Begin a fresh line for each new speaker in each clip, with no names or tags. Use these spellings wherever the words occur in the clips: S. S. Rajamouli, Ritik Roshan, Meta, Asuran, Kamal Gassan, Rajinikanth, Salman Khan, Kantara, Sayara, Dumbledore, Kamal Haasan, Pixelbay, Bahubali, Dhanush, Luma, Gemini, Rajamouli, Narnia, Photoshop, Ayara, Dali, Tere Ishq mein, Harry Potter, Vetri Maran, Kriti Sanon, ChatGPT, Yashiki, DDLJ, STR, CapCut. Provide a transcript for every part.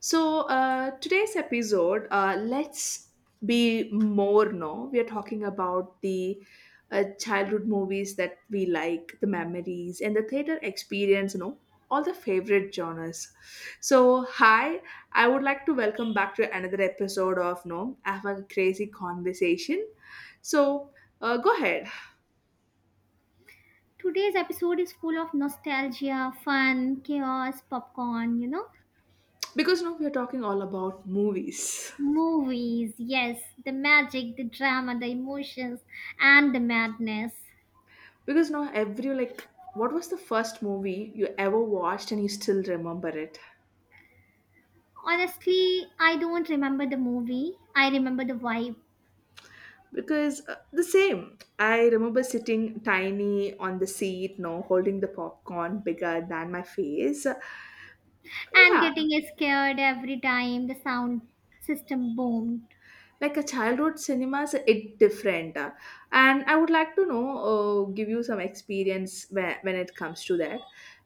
So, today's episode, let's be more. No, we are talking about the childhood movies that we like, the memories, and the theater experience, all the favorite genres. So, hi, I would like to welcome back to another episode of, no, have a crazy conversation. So, go ahead
Today's episode is full of nostalgia, fun, chaos, popcorn,
because now we are talking all about movies.
movies. Yes, the magic, the drama, the emotions, and the madness.
Because now every like, what was the first movie you ever watched and you still remember it?
Honestly, I don't remember the movie. I remember the vibe
Because the same, I remember sitting tiny on the seat, no, holding the popcorn bigger than my face. Yeah,
and getting scared every time the sound system boomed.
like a childhood cinemas it different, and I would like to know, give you some experience when, it comes to that.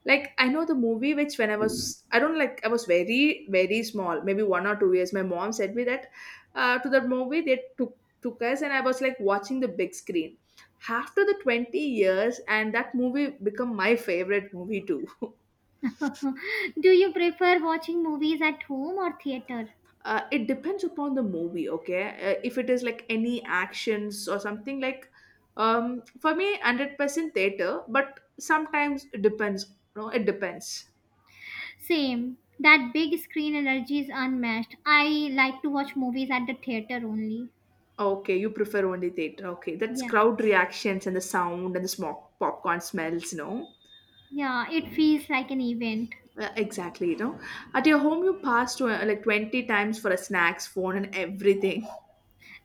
Like I know the movie which when I was, I don't like, I was very very small, maybe 1 or 2 years. My mom said me that, to that movie they took us, and I was like watching the big screen after the 20 years, and that movie become my favorite movie too.
Do you prefer watching movies at home or theater?
It depends upon the movie. Okay, if it is like any actions or something like, for me 100% theater, but sometimes it depends, no, it depends.
Same. That big screen energy is unmatched. I like to watch movies at the theater only.
Okay, you prefer only theater. Okay, that's
Yeah.
crowd reactions and the sound and the smoke popcorn smells, no?
Yeah, it feels like an event.
Exactly, you know, at your home you pass to, like 20 times for a snacks phone and everything.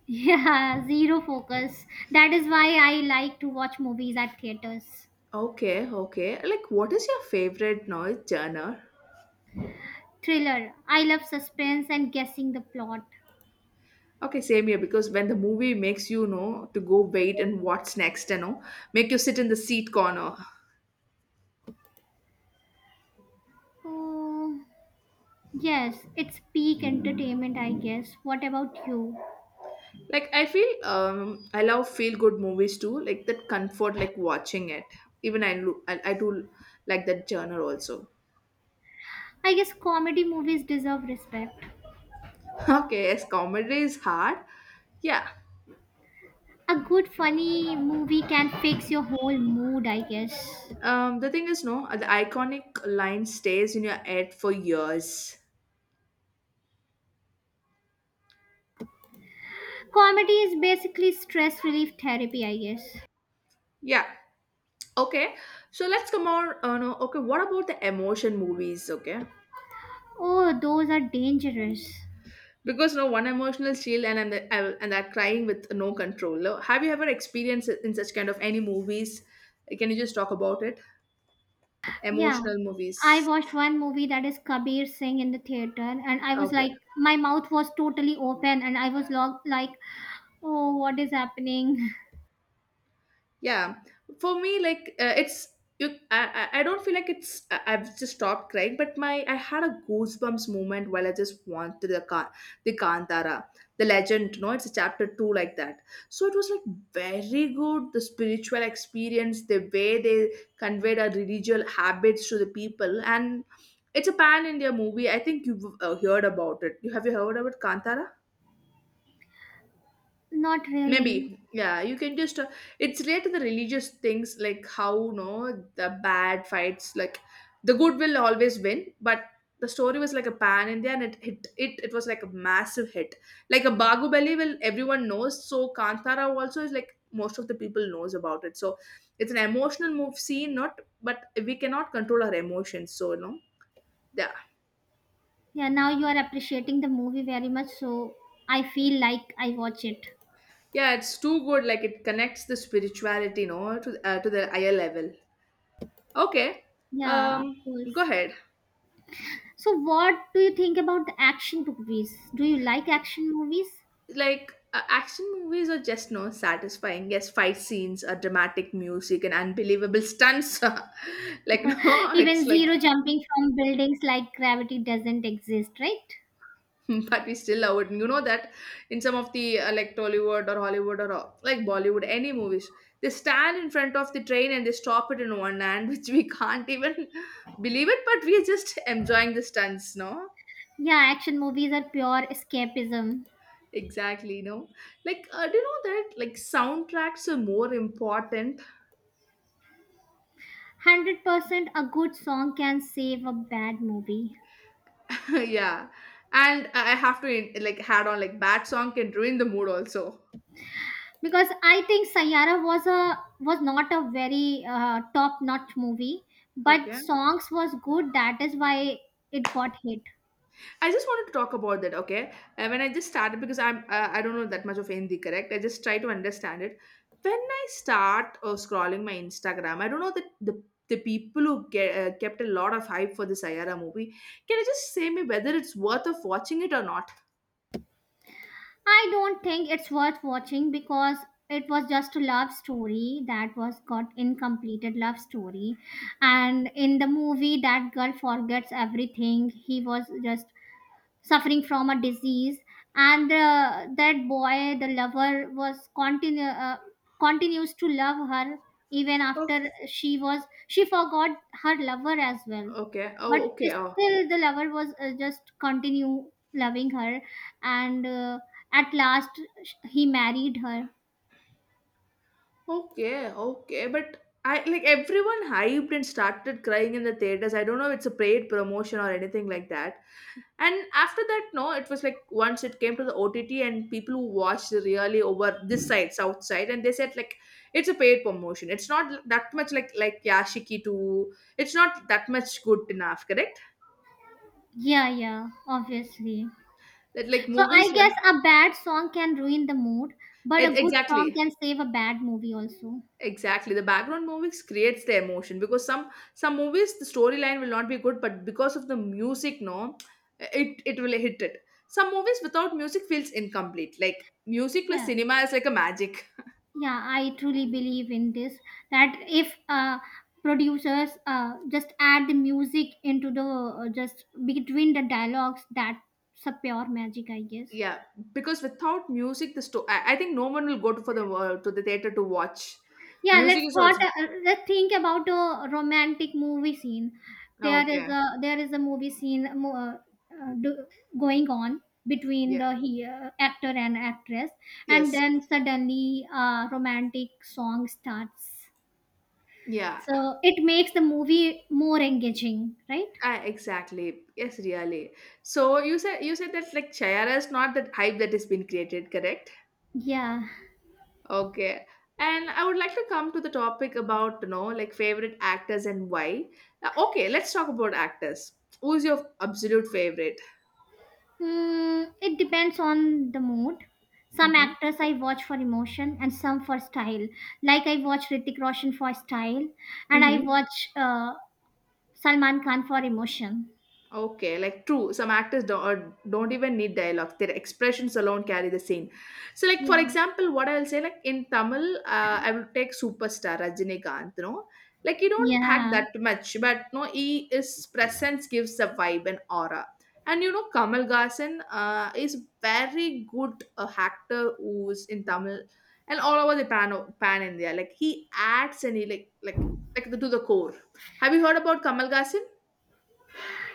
Yeah, zero focus. That is why I like to watch movies at theaters.
Okay, okay, like what is your favorite noise genre?
Thriller. I love suspense and guessing the plot.
Okay, same here, because when the movie makes you know to go wait and what's next, you know, make you sit in the seat corner.
Oh, yes, it's peak entertainment, I guess. What about you?
Like I feel, I love feel good movies too. Like that comfort, like watching it. Even I do like that genre also.
I guess comedy movies deserve respect.
Okay, yes, comedy is hard. Yeah.
A good funny movie can fix your whole mood, I guess.
The thing is, no, the iconic line stays in your head for years.
Comedy is basically stress relief therapy, I guess.
Yeah. Okay. So let's come on. No. Okay, what about the emotion movies? Okay,
Oh, those are dangerous.
because no one emotional shield and, the, and that crying with no control. Have you ever experienced it in such kind of any movies? Can you just talk about it?
Yeah,
Emotional
I
movies.
watched one movie that is Kabir Singh in the theater, and I was
Okay.
like, my mouth was totally open, and I was like, oh, what is happening?
Yeah, for me like, it's, you, I don't feel like it's, I- I've just stopped crying, but my, I had a goosebumps moment while I just wanted the car, the Kantara, the legend, no, it's a chapter two like that. So it was like very good, the spiritual experience, the way they conveyed our religious habits to the people, and it's a pan India movie. I think you've heard about it. You have, you heard about Kantara?
Not really.
Maybe, yeah, you can just. It's related to the religious things, like how no the bad fights, like the good will always win. But the story was like a pan India, and it hit it. It was like a massive hit, like a Bahubali will everyone knows. So Kantara also is like most of the people knows about it. So it's an emotional move scene, not, but we cannot control our emotions. So no, yeah,
Yeah, now you are appreciating the movie very much, so I feel like I watch it.
yeah, it's too good. Like it connects the spirituality, no, to, to the higher level. Okay,
Yeah, of
um,
course.
go ahead.
So, what do you think about the action movies? Do you like action movies?
Like, action movies are just no satisfying. Yes, fight scenes, are dramatic music, and unbelievable stunts. Like, no,
Even
it's
zero
like,
jumping from buildings like gravity doesn't exist, right?
but we still love it. You know that in some of the, like Tollywood or Hollywood or, like Bollywood, any movies, they stand in front of the train and they stop it in one hand, which we can't even believe it, but we are just enjoying the stunts, no?
Yeah, action movies are pure escapism.
Exactly, no, like, do you know that like soundtracks are more important?
100% a good song can save a bad movie.
Yeah, and I have to like had on, like bad song can ruin the mood also.
Because I think Sayara was a was not a very top notch movie, but
Okay,
songs was good. That is why it got hit.
I just wanted to talk about that. Okay, when I just started because I'm, I don't know that much of Hindi, correct? I just try to understand it. When I start scrolling my Instagram, I don't know that the people who get, kept a lot of hype for this Ayara movie. Can you just say me whether it's worth of watching it or not?
I don't think it's worth watching because it was just a love story that was got incompleted love story. And in the movie, that girl forgets everything. He was just suffering from a disease, and that boy, the lover, was continue continues to love her, even
Oh,
after she was, she forgot her lover as well.
okay.
But
Oh, okay. Oh,
still the lover was just continue loving her, and at last, he married her.
okay, okay. But I like everyone hyped and started crying in the theaters. I don't know if it's a paid promotion or anything like that. And after that, no, it was like once it came to the OTT and people who watched really over this side, south side, and they said like it's a paid promotion. It's not that much like Yashiki 2. It's not that much good enough, correct?
Yeah, yeah, obviously.
That like
So I
movies
guess
were-
a bad song can ruin the mood, but
e-
a good song
exactly.
can save a bad movie also.
Exactly. The background movies creates the emotion because some movies the storyline will not be good, but because of the music, no, it will hit it. Some movies without music feels incomplete. Like music plus
Yeah,
cinema is like a magic.
yeah, I truly believe in this, that if producers just add the music into the just between the dialogues, that's a pure magic, I guess.
Yeah, because without music, the sto-, I think no one will go to for the, to the theater to watch.
Yeah,
Music is also,
let's think about a romantic movie scene.
ah,
there is
okay.
a there is a movie scene uh, do- going on between
Yeah.
the actor and actress, and
Yes.
then suddenly a romantic song starts.
Yeah.
So it makes the movie more engaging, right?
Ah, exactly. Yes. Really. So you said that like Chayara is not that hype that has been created, correct?
Yeah.
Okay, and I would like to come to the topic about, you know, like favorite actors and why. Okay, let's talk about actors. Who's your absolute favorite?
Mm, it depends on the mood. Some
Mm-hmm.
actors I watch for emotion and some for style. Like I watch Ritik Roshan for style and I
Mm-hmm.
watch Salman Khan for emotion.
Okay, like true. Some actors don't, or don't even need dialogue. Their expressions alone carry the scene. So, like for
Yeah.
example, what I'll say, like in Tamil, I will take superstar Rajinikanth. You know, like you don't act
Yeah.
that much, but no, he, his presence gives a vibe and aura. And you know, Kamal Gassan is very good actor who's in Tamil and all over the pan India. Like he adds and he like to the core. Have you heard about Kamal Gassan?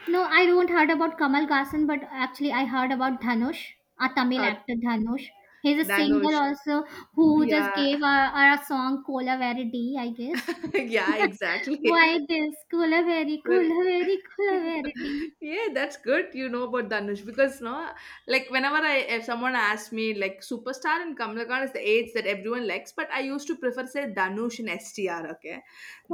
No, I don't heard about Kamal Haasan, but actually I heard about Dhanush, a Tamil
Uh,
actor Dhanush. He's a singer
Dhanush.
also who just
Yeah,
gave a song Kola Verity, I guess.
yeah, exactly.
Why this? Kula very,
But
kula very, kula very deep.
yeah, that's good you know about Dhanush, because no, like whenever I, if someone asks me like superstar and Kamal Khan is the eights that everyone likes, but I used to prefer say Dhanush and STR. Okay,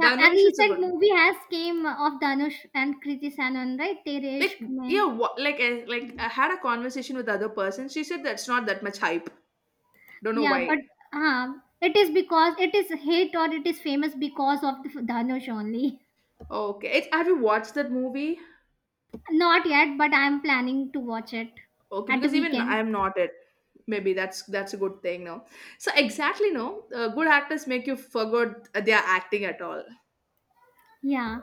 Yeah, a
is a
recent
good,
movie has came of Dhanush and Kriti Sanon, right? Tere
like,
Ishq
yeah
mein.
what, like I had a conversation with the other person. She said that's not that much hype. Don't know
Yeah,
why.
but uh, it is because it is hit or it is famous because of the Dhanush only.
Okay, it, have you watched that movie?
Not yet, but I am planning to watch it
Okay,
at the
because even
weekend.
I'm not it. Maybe that's a good thing, no? So exactly, no. Good actors make you forget their acting at all.
Yeah.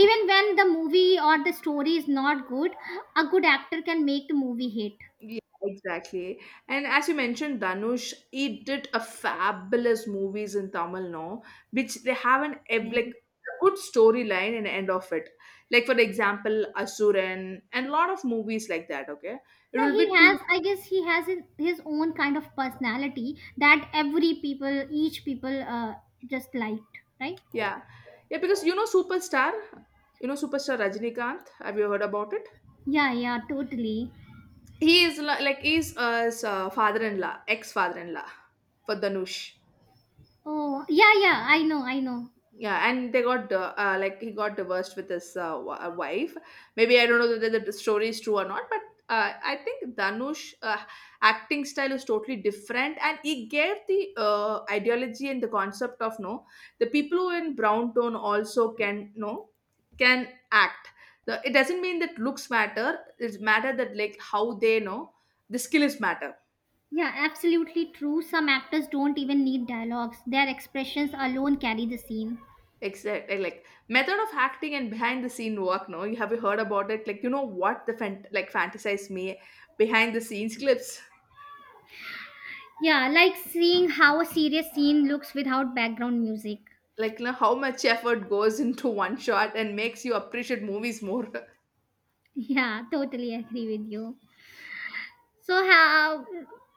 Even when the movie or the story is not good, a good actor can make the movie hit.
Yeah, exactly. And as you mentioned, Danush, he did a fabulous movies in Tamil, no, which they have an ev-
Yeah.
like a good storyline and end of it. Like for example, Asuran and a lot of movies like that. Okay, it
Yeah,
will
he
be
has.
too.
I guess he has his own kind of personality that every people, each people, just liked, right?
Yeah, yeah, because you know Superstar Rajinikanth. Have you heard about it?
Yeah, yeah, totally.
He is li- like he's, his, father-in-law, ex-father-in-law for Danush.
Oh, yeah, yeah. I know, I know.
Yeah, and they got, like he got divorced with his, w-, wife. Maybe I don't know whether the story is true or not, but I think Danush, acting style is totally different, and he gave the ideology and the concept of no, the people who in brown tone also can no can act. The, it doesn't mean that looks matter. It's matter that like how they know the skill is matter.
Yeah, absolutely true. Some actors don't even need dialogues; their expressions alone carry the scene.
Exactly, like method of acting and behind the scene work. No, you have you heard about it? Like you know what the fan- like fantasize me behind the scenes clips.
Yeah, like seeing how a serious scene looks without background music.
Like you know how much effort goes into one shot and makes you appreciate movies more.
Yeah, totally agree with you. So how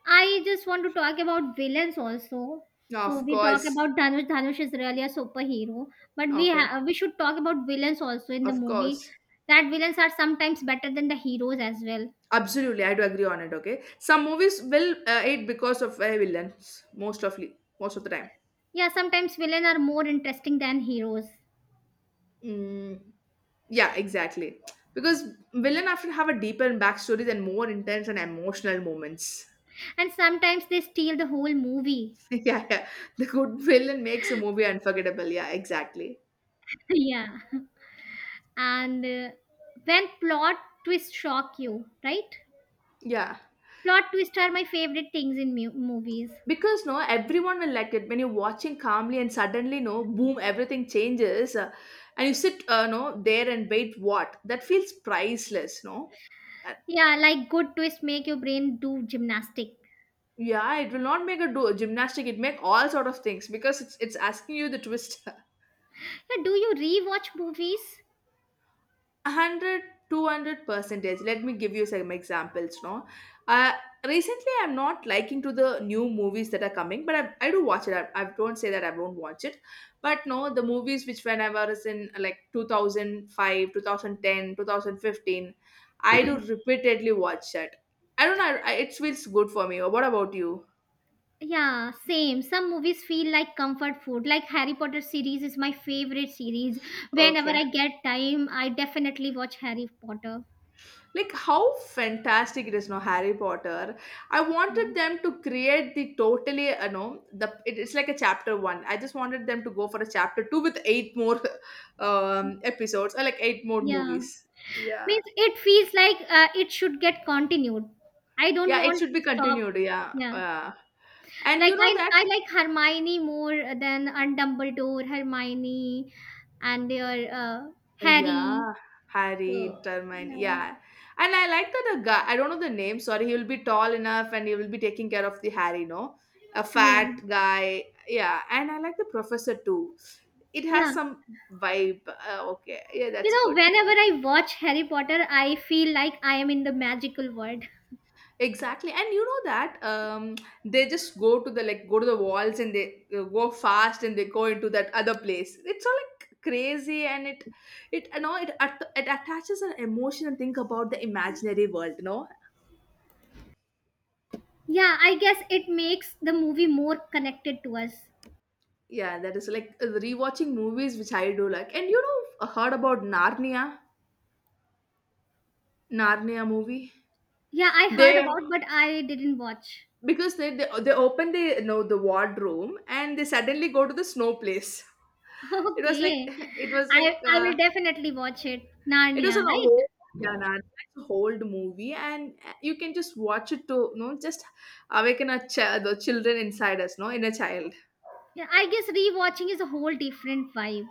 I just want to talk about villains also. So
Of
we talk
course.
about Dhanush. Dhanush is really a superhero, but
Okay.
we should talk about villains also in the
Of
movie.
course.
That villains are sometimes better than the heroes as well.
Absolutely, I do agree on it. Okay, some movies will, it because of, villains most of the time.
Yeah, sometimes villains are more interesting than heroes,
Mm, yeah, exactly. Because villain often have a deeper backstory and more intense and emotional moments.
and sometimes they steal the whole movie.
Yeah, yeah. The good villain makes a movie unforgettable. Yeah, exactly.
Yeah, and when plot twists shock you, right?
Yeah.
Plot twists are my favorite things in movies.
Because no, everyone will like it when you're watching calmly and suddenly no, boom, everything changes, and you sit, no there and wait. What that feels priceless, no. Uh,
Yeah, like good twist make your brain do gymnastic.
Yeah, it will not make a do gymnastic. It make all sort of things because it's asking you the twist.
Yeah, do you rewatch movies?
One hundred, 200 percentage. Let me give you some examples, no. uh Recently, I'm not liking to the new movies that are coming, but I do watch it, I don't say that I won't watch it. But no, the movies which when I was in like 2005 thousand five, 2010, 2015, I do repeatedly watch that. I don't know, it's feels good for me. What about you?
Yeah, same. Some movies feel like comfort food. Like Harry Potter series is my favorite series. Whenever
Okay.
I get time, I definitely watch Harry Potter.
Like how fantastic it is, no, Harry Potter. I
Yeah.
wanted them to create the totally, you know, it's like a chapter one. I just wanted them to go for a chapter two with eight more episodes or like eight more
Yeah.
movies. Yeah.
Means it feels like it should get continued. I don't
Yeah, it
want
should be
to stop.
continued. Yeah,
Yeah.
and
Like
you know
I
that.
I like Hermione more than and Dumbledore, Hermione and your Harry.
Yeah, Harry,
So
Termine.
yeah,
Yeah. And I like that a guy, I don't know the name, sorry, he will be tall enough and he will be taking care of the Harry, no? A
yeah,
fat guy. Yeah. And I like the professor too. It has
yeah.
some vibe. Okay. Yeah,
You
that's
know,
good.
whenever I watch Harry Potter, I feel like I am in the magical world.
Exactly. And you know that, they just go to the like go to the walls, and they go fast and they go into that other place. It's all like crazy, and it you know it it attaches an emotion, and think about the imaginary world, no.
Yeah, I guess it makes the movie more connected to us.
Yeah, that is like rewatching movies, which I do like. And you know, I heard about Narnia, Narnia movie.
Yeah, I heard
They,
about, but I didn't watch.
because they open the, you know, the wardrobe, and they suddenly go to the snow place. It was like
Okay,
it was
I
like
I will definitely watch it.
it was
Narnia,
an
right?
old, yeah, Narnia. It's a old movie, and you can just watch it to, you know, just awaken the children inside us, no, inner child.
Yeah, I guess rewatching is a whole different vibe.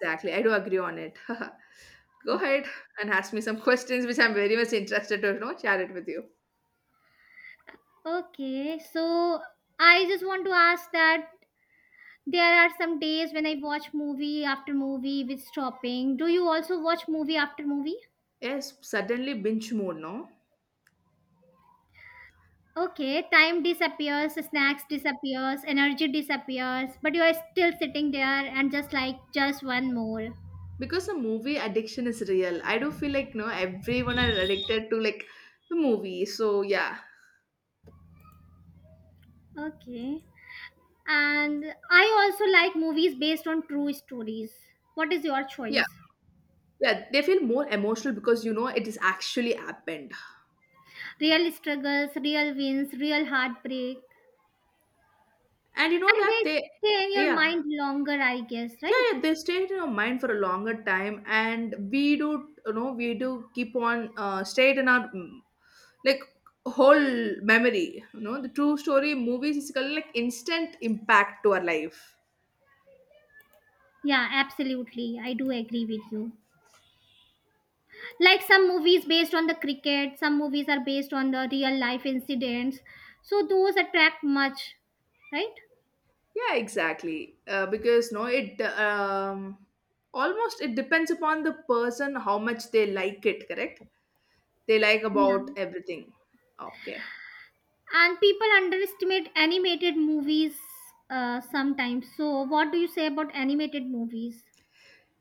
Exactly. I do agree on it. Go ahead and ask me some questions, which I'm very much interested to, you know, share it with you.
Okay, so I just want to ask that there are some days when I watch movie after movie with stopping. Do you also watch movie after movie?
Yes, suddenly binge mode, no?
Okay, time disappears, snacks disappears, energy disappears, but you are still sitting there and just like just one more.
Because the movie addiction is real. I do feel like, no, everyone are addicted to like the movie. So yeah.
Okay. And I also like movies based on true stories. What is your
Yeah.
choice?
Yeah, they feel more emotional because you know it is actually happened.
Real struggles, real wins, real heartbreak.
And you know
And
that
they
they,
stay in your
yeah.
mind longer, I guess,
Yeah,
right?
yeah, they stay in our mind for a longer time, and we do, you know, we do keep on stay it in our like whole memory. You know, the true story movies is kind of like instant impact to our life.
Yeah, absolutely. I do agree with you. Like some movies based on the cricket, some movies are based on the real life incidents, so those attract much, right?
Yeah, exactly, because no it, um, almost it depends upon the person how much they like it, correct? They like
Yeah,
about everything. Okay.
and people underestimate animated movies, sometimes. So what do you say about animated movies?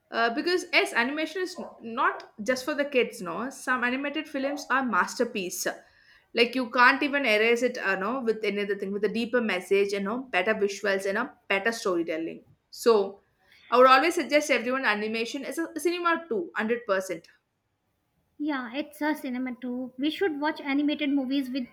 Because yes, animation is not just for the kids. No, some animated films are masterpiece. Like you can't even erase it. No, with any other thing with a deeper message, you know, better visuals and a better storytelling. So, I would always suggest everyone animation is a cinema too, 100%.
Yeah, it's a cinema too. We should watch animated movies with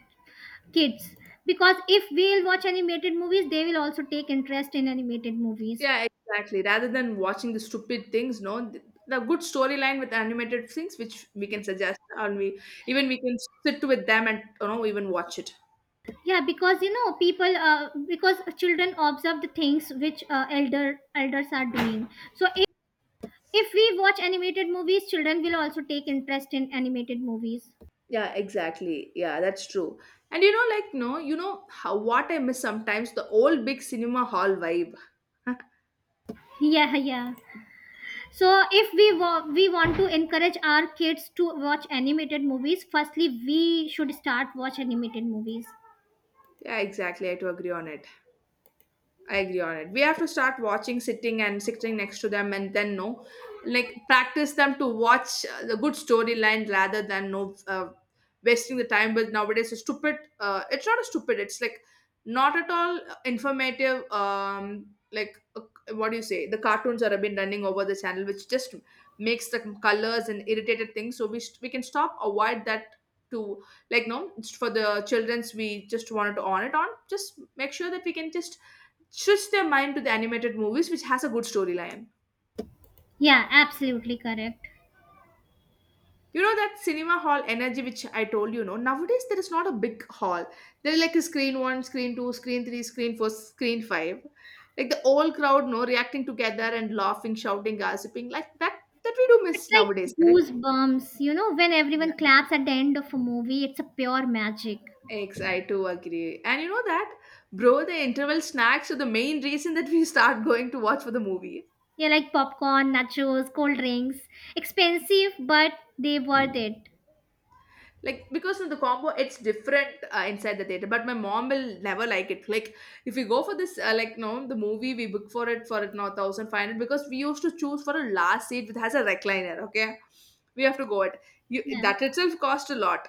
kids, because if we'll watch animated movies, they will also take interest in animated movies.
Yeah, exactly. Rather than watching the stupid things, no, the good storyline with animated things, which we can suggest, and we, even we can sit with them and you know even watch it.
Yeah, because you know people because children observe the things which elders are doing. So if we watch animated movies, children will also take interest in animated movies.
Yeah, exactly. Yeah, that's true. And you know, like, no, you know how what I miss sometimes, the old big cinema hall vibe.
Yeah, yeah. So if we want to encourage our kids to watch animated movies, firstly we should start watch animated movies.
Yeah, exactly. I do agree on it. I agree on it. We have to start watching, sitting and sitting next to them, and then no, like practice them to watch the good storyline rather than no, wasting the time with nowadays a stupid. It's not a stupid. It's like not at all informative. Like, what do you say? The cartoons that have been running over the channel, which just makes the colors and irritated things. So we can stop avoid that to, like no, it's for the children's. We just wanted to on it on, just make sure that we can just switch their mind to the animated movies which has a good storyline.
Yeah, absolutely correct.
You know that cinema hall energy which I told, you know, nowadays there is not a big hall. There is like a screen one, screen two, screen three, screen four, screen five, like the whole crowd, no, reacting together and laughing, shouting, gossiping, like that, that we do
It's
miss
like
nowadays, correct.
goosebumps, you know, when
Yeah,
everyone claps at the end of a movie. It's a pure magic.
ex I too agree, and you know that, bro, the interval snacks are the main reason that we start going to watch for the movie.
Yeah, like popcorn, nachos, cold drinks. Expensive, but they worth it.
Like because in the combo it's different inside the theater, but my mom will never like it. Like if we go for this, like no, the movie we book for it now 1500, because we used to choose for a last seat which has a recliner, okay. We have to go it, you
Yeah.
that itself cost a lot.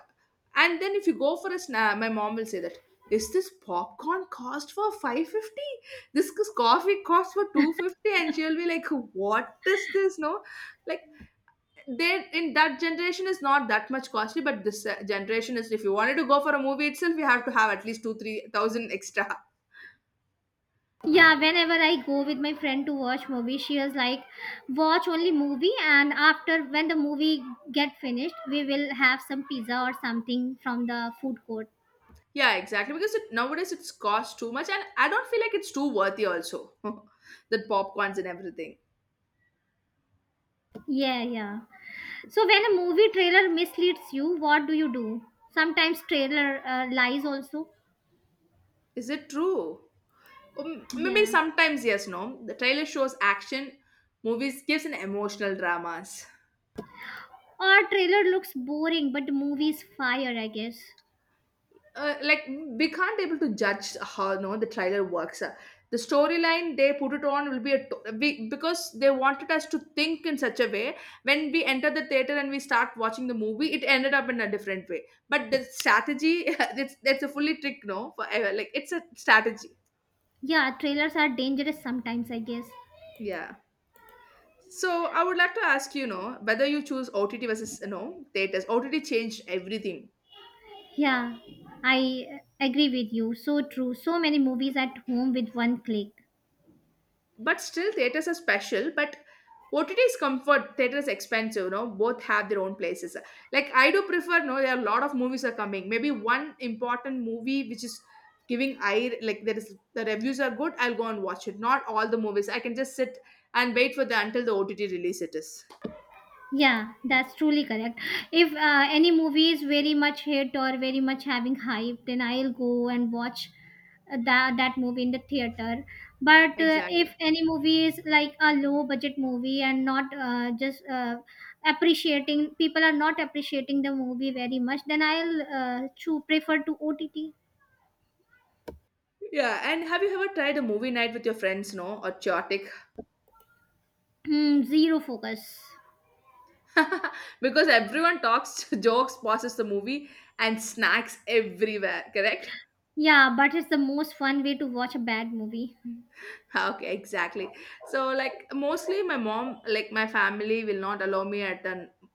And then if you go for a snack, my mom will say that, is this popcorn cost for 550? This is coffee cost for 250. And she'll be like, what is this, no? Like they in that generation is not that much costly, but this generation is, if you wanted to go for a movie itself, you have to have at least two three thousand extra.
Yeah, whenever I go with my friend to watch movie, she is like, watch only movie, and after when the movie get finished, we will have some pizza or something from the food court.
Yeah, exactly, because it, nowadays it's cost too much, and I don't feel like it's too worthy also. That popcorns and everything.
Yeah, yeah. So when a movie trailer misleads you, what do you do? Sometimes trailer lies also.
Is it true? Maybe
Yeah.
sometimes, yes, no, the trailer shows action movies, gives an emotional dramas.
Or trailer looks boring, but the movie is fire, I guess.
Like we can't able to judge how no the trailer works. The storyline they put it on will be we, because they wanted us to think in such a way. When we enter the theater and we start watching the movie, it ended up in a different way. But the strategy, it's that's a fully trick, no, for like it's a strategy.
Yeah, trailers are dangerous sometimes, I guess.
Yeah. So I would like to ask you, know, whether you choose OTT versus, you know, theaters. OTT changed everything.
Yeah, I agree with you. So true. So many movies at home with one click.
But still theaters are special, but OTT is comfort, theater is expensive, you know. Both have their own places. Like I do prefer, no, there are a lot of movies are coming. Maybe one important movie which is giving I like, there is, the reviews are good, I'll go and watch it. Not all the movies I can just sit and wait for the until the OTT release it is.
Yeah, that's truly correct. If any movie is very much hit or very much having hype, then I'll go and watch that movie in the theater. But if
Exactly.
any movie is like a low budget movie and not just appreciating, people are not appreciating the movie very much, then I'll prefer to OTT.
Yeah, and have you ever tried a movie night with your friends? No or chaotic?
Hmm, zero focus.
Because everyone talks, jokes, pauses the movie, and snacks everywhere, correct.
Yeah, but it's the most fun way to watch a bad movie.
Ah, okay, exactly. So like mostly my mom, like my family will not allow me at the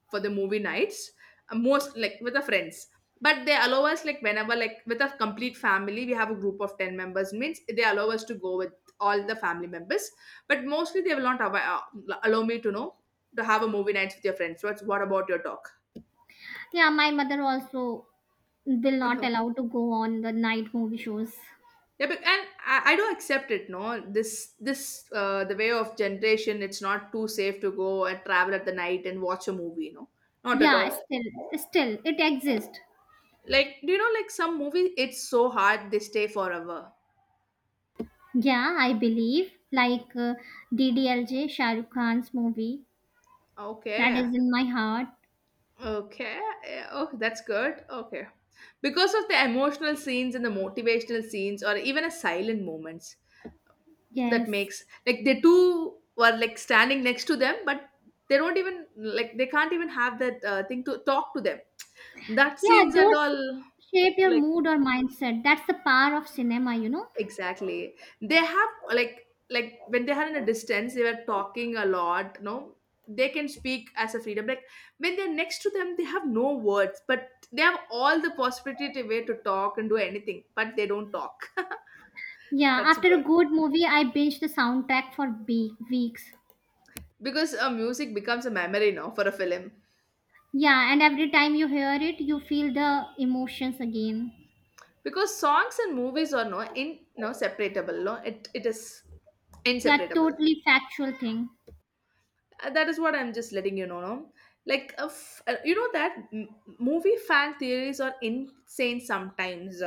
for the movie nights, most like with the friends. But they allow us like whenever like with a complete family, we have a group of 10 members means, they allow us to go with all the family members. But mostly they will not allow me to know, to have a movie nights with your friends. What about your talk?
Yeah, my mother also will not allow to go on the night movie shows.
Yeah, but, and I don't accept it. No, this the way of generation. It's not too safe to go and travel at the night and watch a movie. No, not at
Yeah,
all.
still, still, it exists.
Like do you know, like some movie, it's so hard they stay forever.
Yeah, I believe like DDLJ, Shah Rukh Khan's movie, that
Okay,
is in my heart.
okay, yeah, oh that's good. Okay, because of the emotional scenes and the motivational scenes, or even a silent moments,
Yes.
that makes like they two were like standing next to them, but they don't even like they can't even have that thing to talk to them, that
Yeah,
scenes and
those
all.
shape your
Like
mood or mindset. That's the power of cinema, you know.
exactly. They have like when they are in a distance, they were talking a lot. No, they can speak as a freedom. Like when they're next to them, they have no words, but they have all the possibility to way to talk and do anything, but they don't talk.
Yeah,
That's
after a
good,
good movie, I binge the soundtrack for weeks.
because music becomes a memory now for a film.
Yeah, and every time you hear it, you feel the emotions again.
Because songs and movies are no in no separatable. No, it is
Yeah,
inseparable.
totally factual thing.
That is what I'm just letting you know. No? Like, you know that movie fan theories are insane sometimes.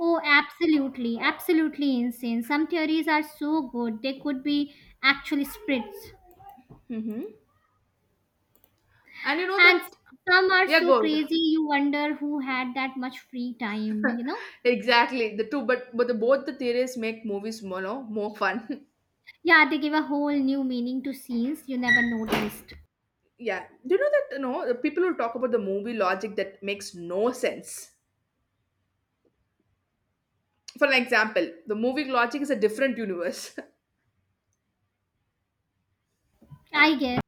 Oh, absolutely, absolutely insane. Some theories are so good, they could be actually spirits.
Hmm. And you know that,
And some are
yeah,
so
good.
crazy, you wonder who had that much free time, you know?
Exactly. The two, but the both the theories make movies more, no, more fun.
Yeah, they give a whole new meaning to scenes you never noticed.
Yeah. Do you know that? You know, the people who talk about the movie logic that makes no sense. For an example, the movie logic is a different universe.
I guess.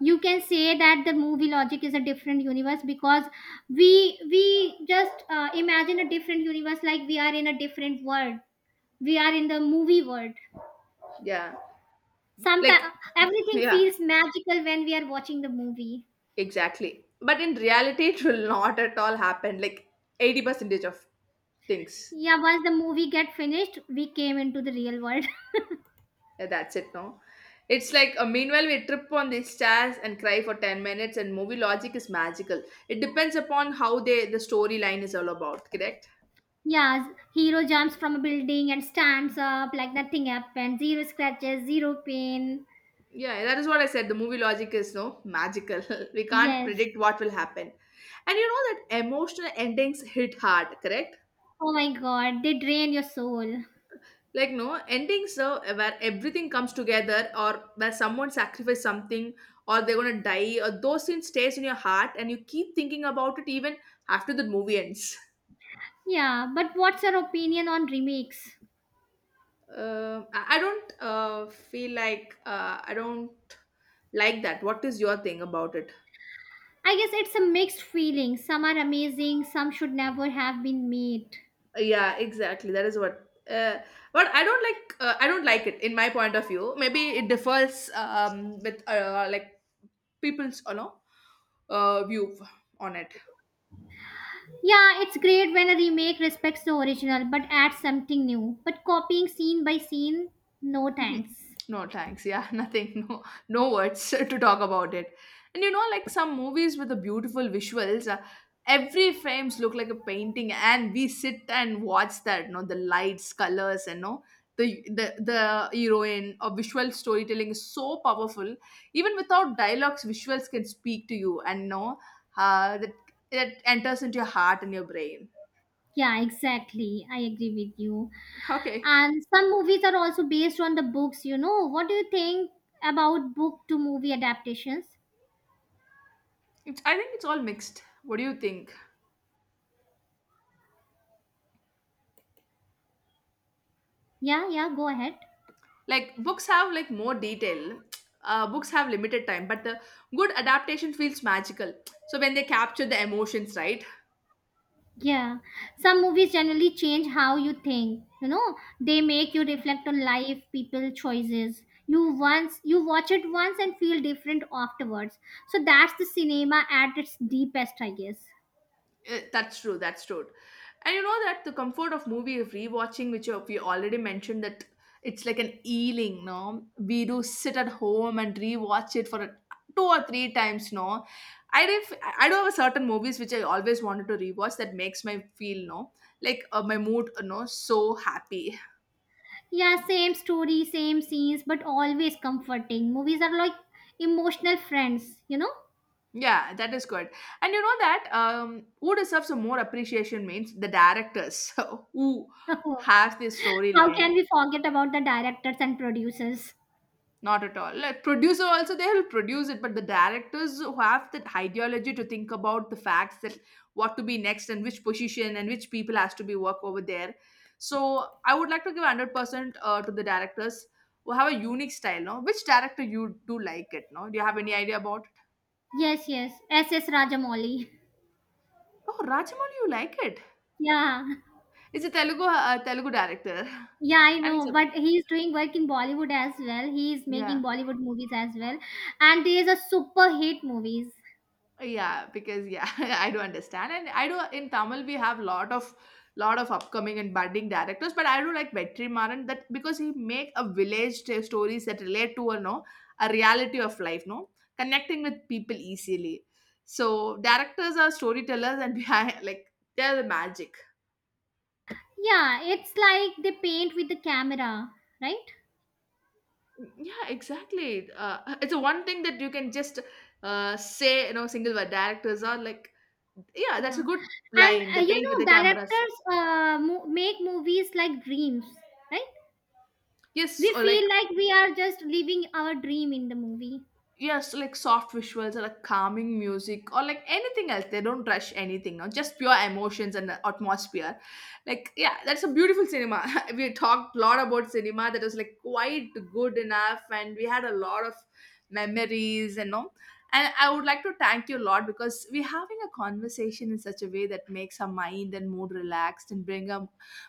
You can say that the movie logic is a different universe, because we just imagine a different universe. Like we are in a different world, we are in the movie world.
Yeah.
Sometimes
Like,
everything
yeah.
feels magical when we are watching the movie.
Exactly. But in reality, it will not at all happen. Like 80 percentage of things.
Yeah, once the movie get finished, we came into the real world.
Yeah, that's it, no? It's like, meanwhile, we trip on these stairs and cry for 10 minutes, and movie logic is magical. It depends upon how they the storyline is all about, correct?
Yeah, hero jumps from a building and stands up like nothing happened. Zero scratches, zero pain.
Yeah, that is what I said. The movie logic is no magical. We can't
Yes.
predict what will happen. And you know that emotional endings hit hard, correct?
Oh my god, they drain your soul.
Like no endings where everything comes together, or where someone sacrificed something, or they're gonna die, or those scenes stays in your heart and you keep thinking about it even after the movie ends.
Yeah, but what's your opinion on remakes?
I don't, feel like I don't like that. What is your thing about it?
I guess it's a mixed feeling. Some are amazing, some should never have been made.
Yeah, exactly, that is what. uh, but I don't like, I don't like it. In my point of view, maybe it differs, with, like people's, view on it.
Yeah, it's great when a remake respects the original but adds something new. But copying scene by scene, no
Mhm.
thanks.
No, thanks. Yeah, nothing. No, no words to talk about it. And you know, like some movies with the beautiful visuals, every frames look like a painting, and we sit and watch that. You know, the lights, colors, and no, the heroine or visual storytelling is so powerful. Even without dialogues, visuals can speak to you, and no, uh, that that enters into your heart and your brain.
Yeah, exactly. I agree with you.
Okay,
And some movies are also based on the books, you know. What do you think about book to movie adaptations?
it's, I think it's all mixed. What do you think?
Yeah, yeah, go ahead.
Like books have like more detail. Books have limited time, but the good adaptation feels magical, so when they capture the emotions right.
Yeah, some movies generally change how you think. You know, they make you reflect on life, people, choices. You once you watch it once and feel different afterwards. So that's the cinema at its deepest, I guess.
That's true, and you know that the comfort of movie rewatching, which you- we already mentioned that. It's like an healing, no, we do sit at home and rewatch it for a, 2 or 3 times, no. I do have a certain movies which I always wanted to rewatch, that makes my feel, no, like, my mood, you know, so happy.
Yeah, same story, same scenes, but always comforting. Movies are like emotional friends, you know?
Yeah, that is good. And you know that, who deserves a more appreciation means the directors, who have this
How can
storyline.
we forget about the directors and producers?
Not at all. Like producer also, they will produce it, but the directors who have that ideology to think about the facts, that what to be next, and which position, and which people has to be work over there. So I would like to give 100% to the directors who have a unique style. No, which director you do like it? No, do you have any idea about? It?
Yes, yes. S. S. Rajamouli.
Oh, Rajamouli, you like it?
Yeah.
It's a Telugu, Telugu director.
Yeah, I
And it's
know,
a,
but he's doing work in Bollywood as well. He's making
yeah.
Bollywood movies as well, and these are super hit movies.
Yeah, because, yeah, I do understand. And I do, in Tamil we have lot of upcoming and budding directors, but I do like Vetri Maran, that, because he make a village t- stories that relate to a, no, a reality of life, no, connecting with people easily. So directors are storytellers, and behind, like, they're the magic.
Yeah, it's like they paint with the camera, right?
Yeah, exactly. It's a one thing that you can just, say, you know, single word, directors are like, yeah, that's a
Yeah,
good
and
line. They
you
paint with
know,
the cameras.
directors make movies like dreams, right?
Yes,
We
or like.
feel like we are just living our dream in the movie.
Yes, like soft visuals, or like calming music, or like anything else. They don't rush anything, no? Just pure emotions and the atmosphere. Like, yeah, that's a beautiful cinema. We talked a lot about cinema, that was like quite good enough, and we had a lot of memories, and all. And I would like to thank you a lot, because we're having a conversation in such a way that makes our mind and mood relaxed, and bring our,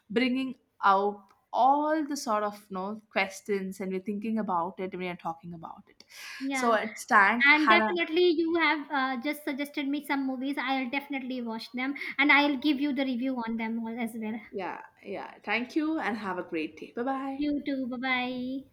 bringing out all the sort of, you know, questions, and we're thinking about it, and we are talking about it, so
Yeah,
it's thank
and
Hannah.
definitely you have just suggested me some movies. I'll definitely watch them, and I'll give you the review on them all as well.
Yeah, yeah, thank you, and have a great day. Bye bye.
You too. Bye bye.